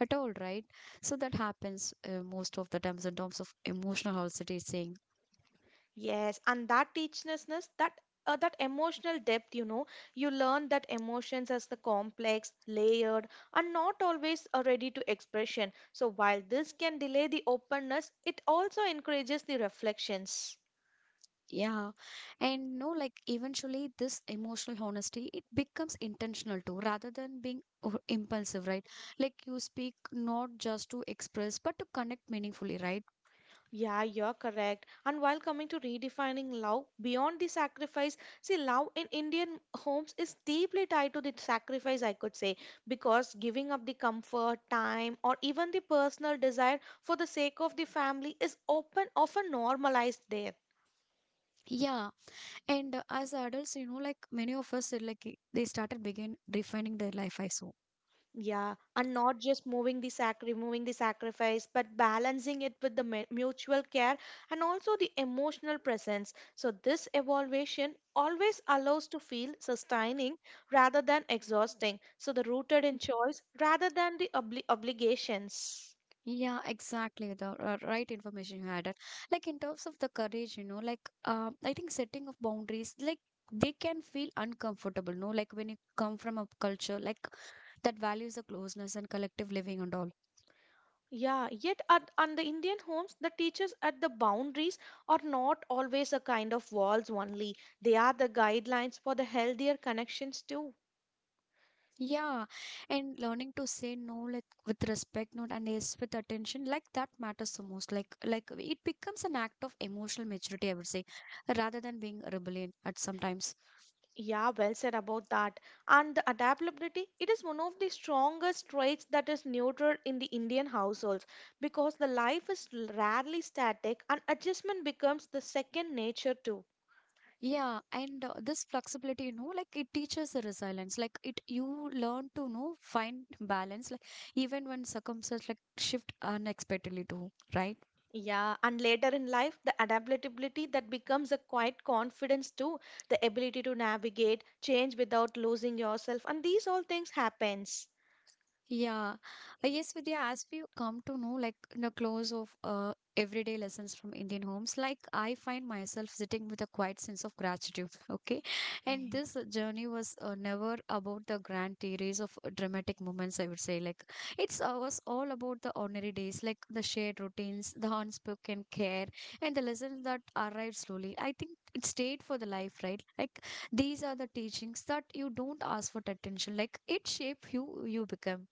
at all, right? So that happens most of the times in terms of emotional honesty saying. Yes, and that teachlessness, that emotional depth, you know, you learn that emotions as the complex, layered, and not always are ready to expression. So while this can delay the openness, it also encourages the reflections. Yeah, and no like eventually this emotional honesty it becomes intentional too rather than being impulsive, right? Like you speak not just to express but to connect meaningfully, right? Yeah, you're correct. And while coming to redefining love beyond the sacrifice, see, love in Indian homes is deeply tied to the sacrifice, I could say, because giving up the comfort, time, or even the personal desire for the sake of the family is open, often normalized there. Yeah, and as adults, you know, like many of us, they started begin defining their life, I saw. Yeah, and not just moving the sac removing the sacrifice, but balancing it with the mutual care and also the emotional presence. So this evaluation always allows to feel sustaining rather than exhausting. So the rooted in choice rather than the obligations. Yeah, exactly. The right information you added. Like in terms of the courage, you know, like I think setting of boundaries, like they can feel uncomfortable. No, like when you come from a culture like that values the closeness and collective living and all. Yeah, yet at on the Indian homes, the teachers at the boundaries are not always a kind of walls only. They are the guidelines for the healthier connections too. Yeah, and learning to say no, like with respect, not and yes, with attention, like that matters the most. Like it becomes an act of emotional maturity, I would say, rather than being rebellion at sometimes. Yeah, well said about that. And the adaptability, it is one of the strongest traits that is nurtured in the Indian households because the life is rarely static and adjustment becomes the second nature too. Yeah, and this flexibility, you know, like it teaches the resilience. Like it, you learn to know find balance, like even when circumstances like shift unexpectedly too, right? Yeah, and later in life, the adaptability that becomes a quiet confidence too, the ability to navigate change without losing yourself, and these all things happens. Yeah, yes, Vidya, as we come to know, like in the close of everyday lessons from Indian homes, like I find myself sitting with a quiet sense of gratitude. Okay. And this uh, journey was never about the grand theories of dramatic moments, I would say. Like it's was all about the ordinary days, like the shared routines, the unspoken care, and the lessons that arrived slowly. I think it stayed for the life, right? Like these are the teachings that you don't ask for attention. Like it shape who you become.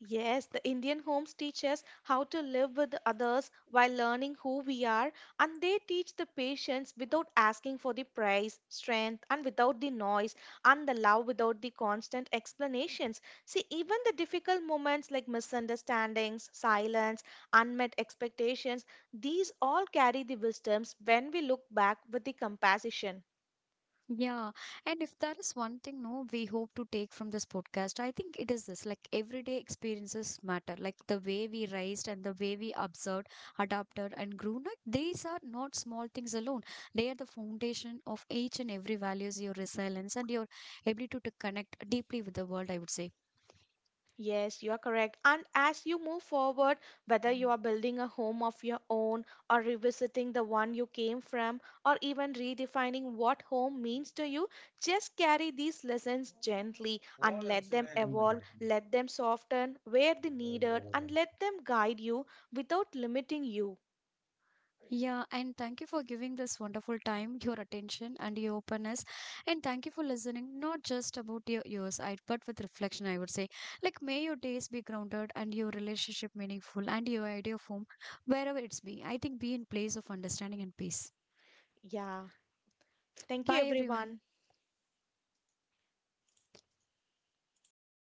Yes, the Indian homes teach us how to live with others while learning who we are, and they teach the patience without asking for the price, strength, and without the noise, and the love without the constant explanations. See, even the difficult moments like misunderstandings, silence, unmet expectations, these all carry the wisdoms when we look back with the compassion. Yeah, and if there is one thing, no, we hope to take from this podcast, I think it is this like everyday experiences matter, like the way we raised and the way we observed, adapted, and grew. Like, these are not small things alone, they are the foundation of each and every values, your resilience, and your ability to connect deeply with the world, I would say. Yes, you are correct. And as you move forward, whether you are building a home of your own or revisiting the one you came from, or even redefining what home means to you, just carry these lessons gently and let them evolve, let them soften where they needed, and let them guide you without limiting you. Yeah, and thank you for giving this wonderful time, your attention, and your openness. And thank you for listening, not just about your ears, I, but with reflection, I would say. Like, may your days be grounded and your relationship meaningful and your idea of home, wherever it's be, I think be in place of understanding and peace. Yeah. Thank you, Bye, everyone. everyone.